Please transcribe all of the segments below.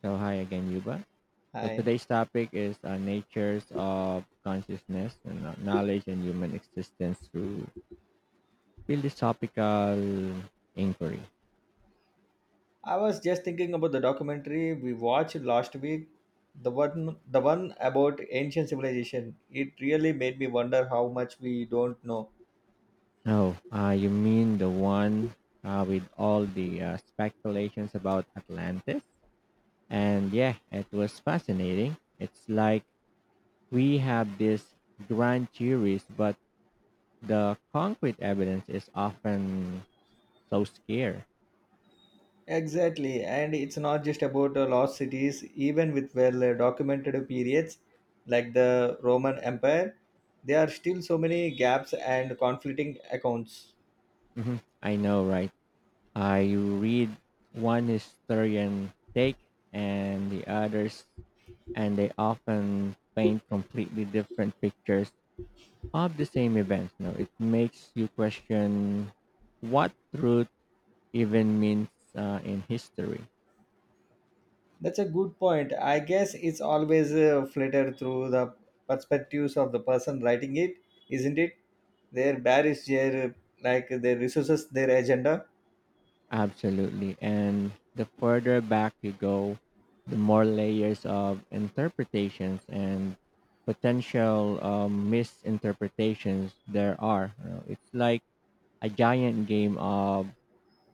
So hi again, Yuba. So Hi. today's topic is natures of consciousness and knowledge and human existence through philosophical inquiry. I was just thinking about the documentary we watched last week. The one about ancient civilization. It really made me wonder how much we don't know. Oh, you mean the one with all the speculations about Atlantis? And yeah, it was fascinating. It's like we have these grand theories, but the concrete evidence is often so scarce. Exactly. And it's not just about lost cities, even with well documented periods like the Roman Empire, there are still so many gaps and conflicting accounts. Mhm. I know, right? I read one historian take and the others, and they often paint completely different pictures of the same events. Know, it makes you question what truth even means in history. That's a good point. I guess it's always flittered through the perspectives of the person writing it, isn't it? Their barriers, their, like, their resources, their agenda. Absolutely. And the further back you go, the more layers of interpretations and potential misinterpretations there are. You know, it's like a giant game of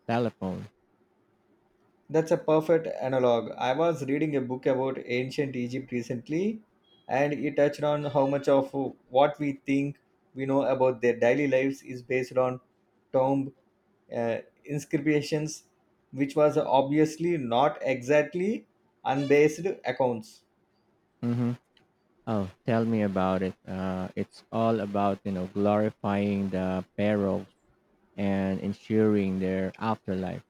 telephone. That's a perfect analog. I was reading a book about ancient Egypt recently and it touched on how much of what we think we know about their daily lives is based on tomb uh, inscriptions, which was obviously not exactly unbased accounts. Mm-hmm. Oh, tell me about it. It's all about you know glorifying the perils and ensuring their afterlife.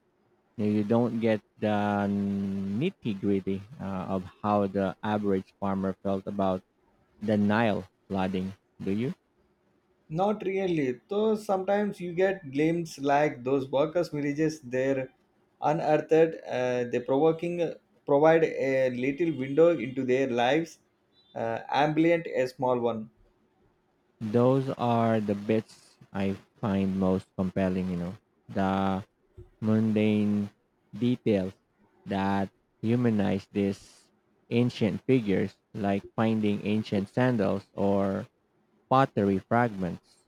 Now, you don't get the nitty gritty of how the average farmer felt about the Nile flooding. Do you? Not really. Though sometimes you get glimpses, like those workers' villages there unearthed, they provoking provide a little window into their lives, ambient a small one. Those are the bits I find most compelling, you know, the mundane details that humanize these ancient figures, like finding ancient sandals or pottery fragments.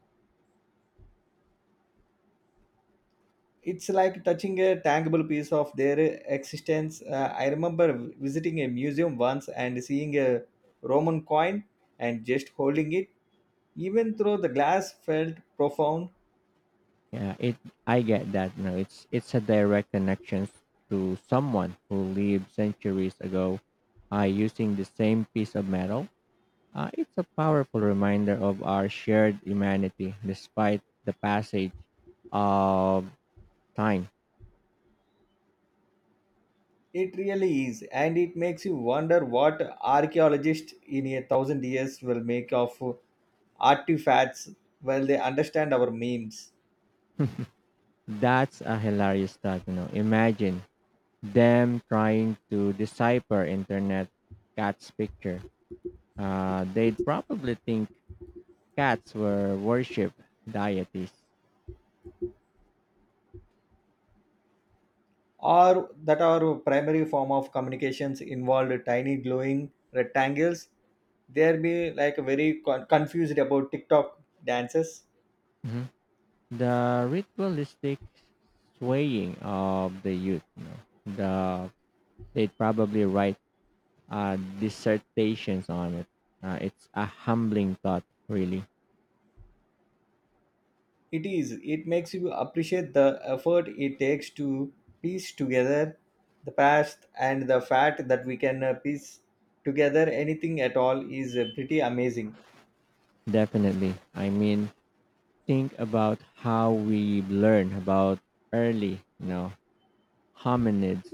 It's like touching a tangible piece of their existence. I remember visiting a museum once and seeing a Roman coin and just holding it, even though the glass felt profound. Yeah, it. I get that. No, it's a direct connection to someone who lived centuries ago, using the same piece of metal. It's a powerful reminder of our shared humanity despite the passage of time. It really is, and it makes you wonder what archaeologists in 1,000 years will make of artifacts, while they understand our memes, That's a hilarious thought, you know. Imagine them trying to decipher internet cat's picture. They'd probably think cats were worship deities. or that our primary form of communications involved tiny glowing rectangles. They'll be like very confused about TikTok dances. Mhm. The ritualistic swaying of the youth, you know. The they'd probably write dissertations on it. It's a humbling thought, really. It is. It makes you appreciate the effort it takes to piece together the past, and the fact that we can piece together anything at all is, pretty amazing. Definitely. I mean, think about how we learn about early, you know, hominids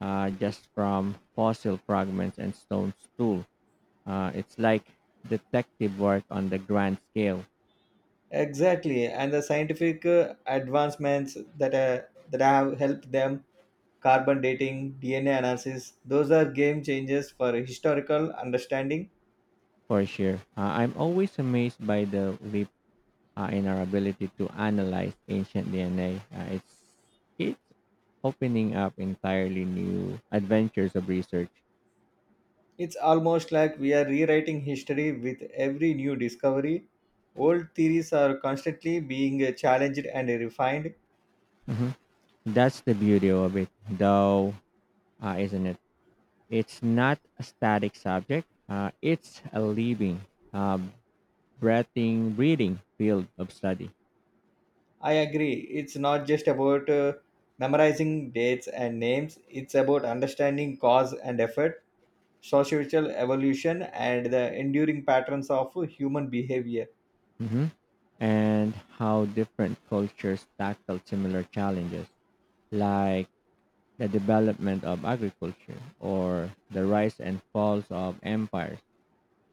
just from fossil fragments and stone stool. It's like detective work on the grand scale Exactly, and the scientific advancements that have helped them, carbon dating, DNA analysis, those are game changers for historical understanding. for sure. I'm always amazed by the leap in our ability to analyze ancient DNA. It's opening up entirely new adventures of research. It's almost like we are rewriting history with every new discovery. Old theories are constantly being challenged and refined. Hmm. That's the beauty of it, though, isn't it? It's not a static subject. It's a living, uh, breathing field of study. I agree. It's not just about memorizing dates and names, it's about understanding cause and effect, societal evolution, and the enduring patterns of human behavior. Hmm. And how different cultures tackle similar challenges, like the development of agriculture, or the rise and falls of empires,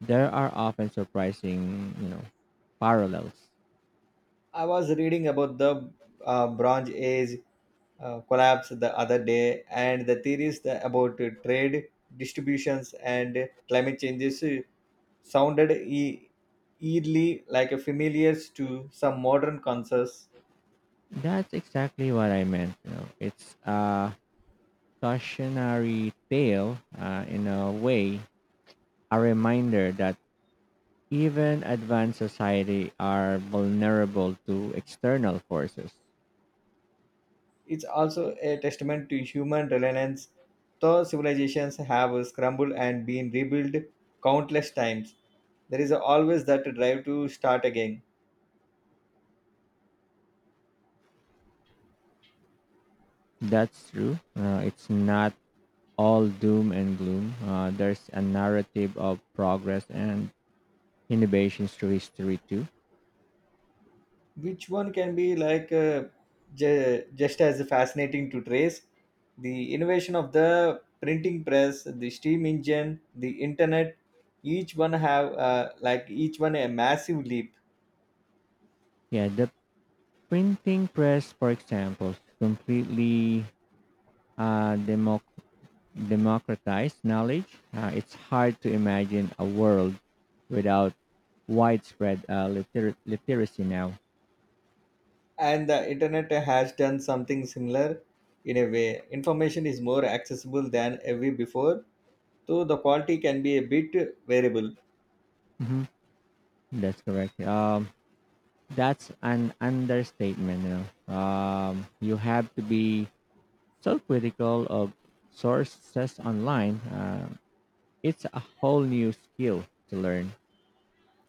there are often surprising, you know, parallels. I was reading about the Bronze Age collapse the other day, and the theories about trade distributions and climate changes sounded eerily like a familiar to some modern concerts. That's exactly what I meant. You know, it's a cautionary tale in a way, a reminder that even advanced society are vulnerable to external forces. It's also a testament to human reliance, though civilizations have scrambled and been rebuilt countless times. There is always that drive to start again, That's true. It's not all doom and gloom. There's a narrative of progress and innovations to history too. which one can be like, just as fascinating to trace. The innovation of the printing press, the steam engine, the internet, each one have, like each one a massive leap. Yeah, the printing press, for example, completely uh, democ- democratized knowledge. It's hard to imagine a world without widespread literacy now. And the internet has done something similar. In a way, information is more accessible than ever before, though the quality can be a bit variable. Hmm. That's correct. That's an understatement. You know, you have to be self-critical of sources online. It's a whole new skill to learn.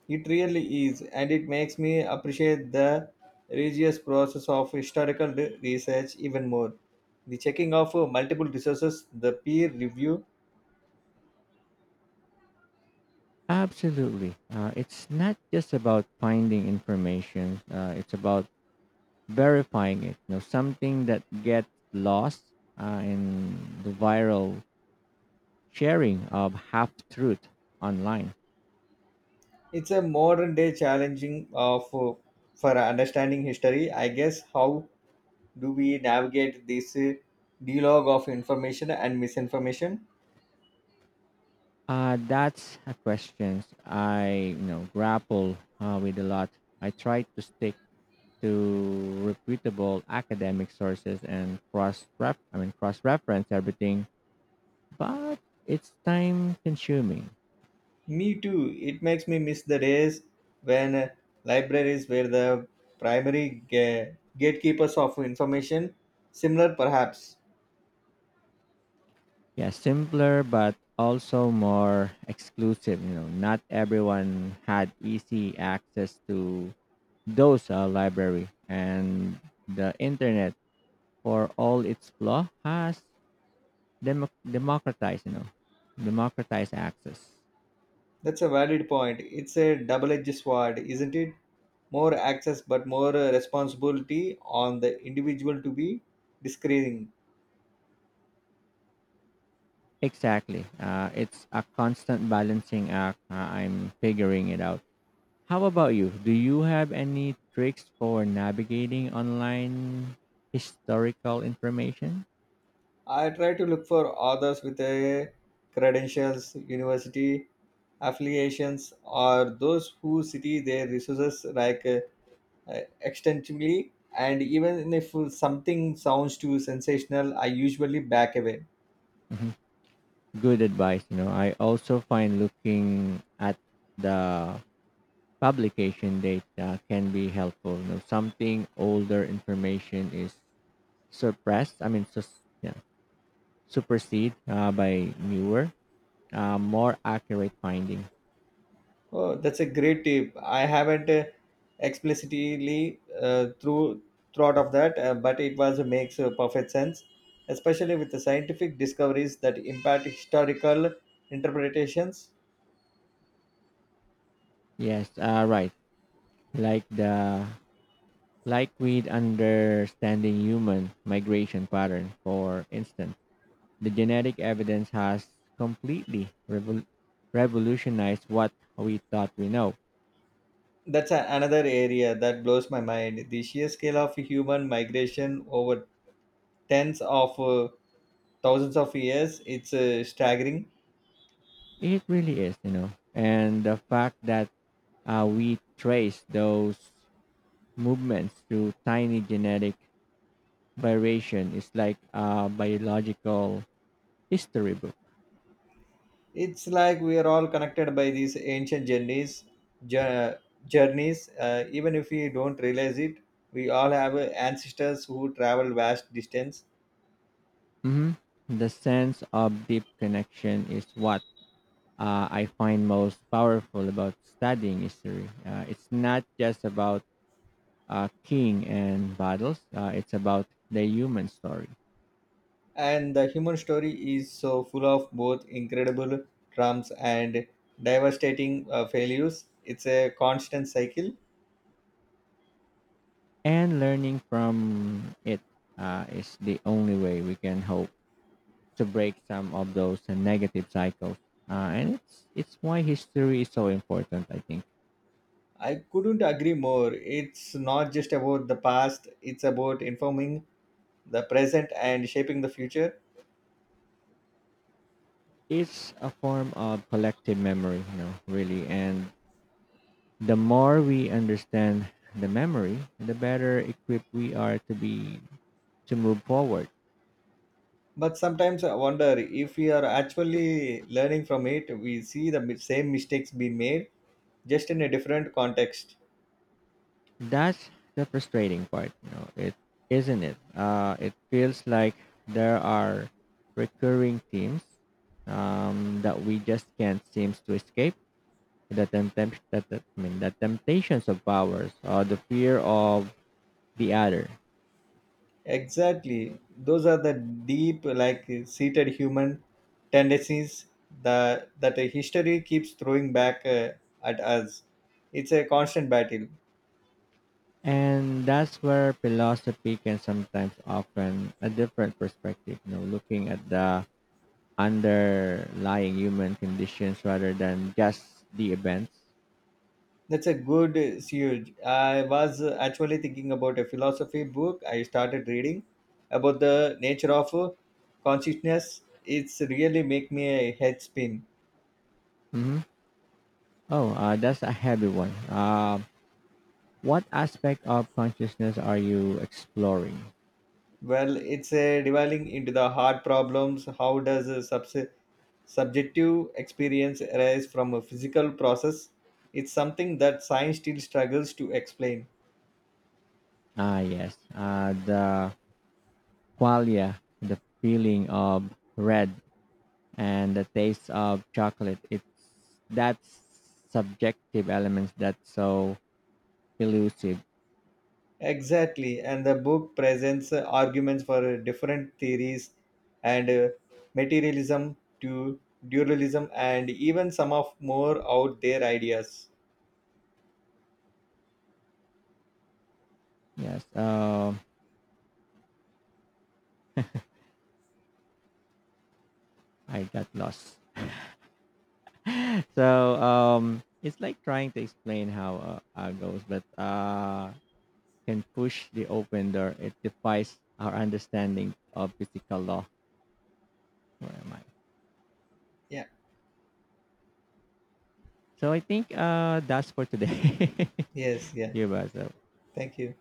It really is, and it makes me appreciate the rigorous process of historical research even more, the checking of, multiple resources, the peer review. Absolutely. It's not just about finding information. It's about verifying it. You know, something that gets lost in the viral sharing of half truth online. It's a modern day challenging of, for understanding history. I guess, how do we navigate this, dialogue of information and misinformation? That's a question I you know grapple with a lot. I try to stick to reputable academic sources and cross reference everything, but it's time consuming. Me too. It makes me miss the days when, libraries were the primary gatekeepers of information. Similar, perhaps. Yeah, simpler but also more exclusive, you know, not everyone had easy access to those library, and the internet, for all its flaw, has democratized, you know, democratized access. That's a valid point. It's a double edged sword, isn't it? More access, but more responsibility on the individual to be discerning. Exactly. It's a constant balancing act. I'm figuring it out. How about you? Do you have any tricks for navigating online historical information? I try to look for authors with a credentials, university affiliations, or those who city their resources like, extensively, and even if something sounds too sensational, I usually back away. Mhm. Good advice. You know, I also find looking at the publication date can be helpful. You know, something older information is suppressed. I mean, sus- yeah, supersede by newer, more accurate finding. Oh, that's a great tip. I haven't explicitly, through thought of that, but it was, makes, perfect sense, especially with the scientific discoveries that impact historical interpretations. Yes, right. Like the like with understanding human migration pattern, for instance, the genetic evidence has completely revol- revolutionized what we thought we know. That's a, another area that blows my mind, the sheer scale of human migration over tens of, thousands of years. It's, staggering. It really is, you know, and the fact that we trace those movements to tiny genetic variation is like a biological history book. It's like we are all connected by these ancient journeys, jour- journeys. Even if we don't realize it, we all have ancestors who travel vast distance, Hmm. The sense of deep connection is what I find most powerful about studying history. It's not just about king and battles. It's about the human story, and the human story is so full of both incredible triumphs and devastating failures. It's a constant cycle. and learning from it is the only way we can hope to break some of those negative cycles. And it's why history is so important, I think. I couldn't agree more. It's not just about the past; it's about informing the present and shaping the future. It's a form of collective memory, you know, really. And the more we understand the memory, the better equipped we are to be to move forward. But sometimes I wonder if we are actually learning from it. We see the same mistakes being made, just in a different context. That's the frustrating part, you know. It isn't it. It feels like there are recurring themes that we just can't seem to escape. The tempt, that, that- I mean, the temptations of powers, or the fear of the other, Exactly. Those are the deep, like, seated human tendencies that a history keeps throwing back, at us. It's a constant battle. and that's where philosophy can sometimes often a different perspective. You know, looking at the underlying human conditions rather than just the events. That's a good, siege. I was, actually thinking about a philosophy book I started reading about the nature of, consciousness. It's really make me a head spin. Mhm. Oh, that's a heavy one. What aspect of consciousness are you exploring? Well, it's a delving into the hard problems. How does a subjective experience arise from a physical process? It's something that science still struggles to explain. Ah, yes. The qualia, the feeling of red and the taste of chocolate. It's that subjective elements that's so elusive. Exactly, and the book presents, arguments for, different theories, and, materialism to dualism, and even some of more out there ideas. Yes. I got lost. So it's like trying to explain how goes, but can push the open door. It defies our understanding of physical law. Where am I? Yeah, So I think that's for today. yes, yeah. Here, Basil. Thank you.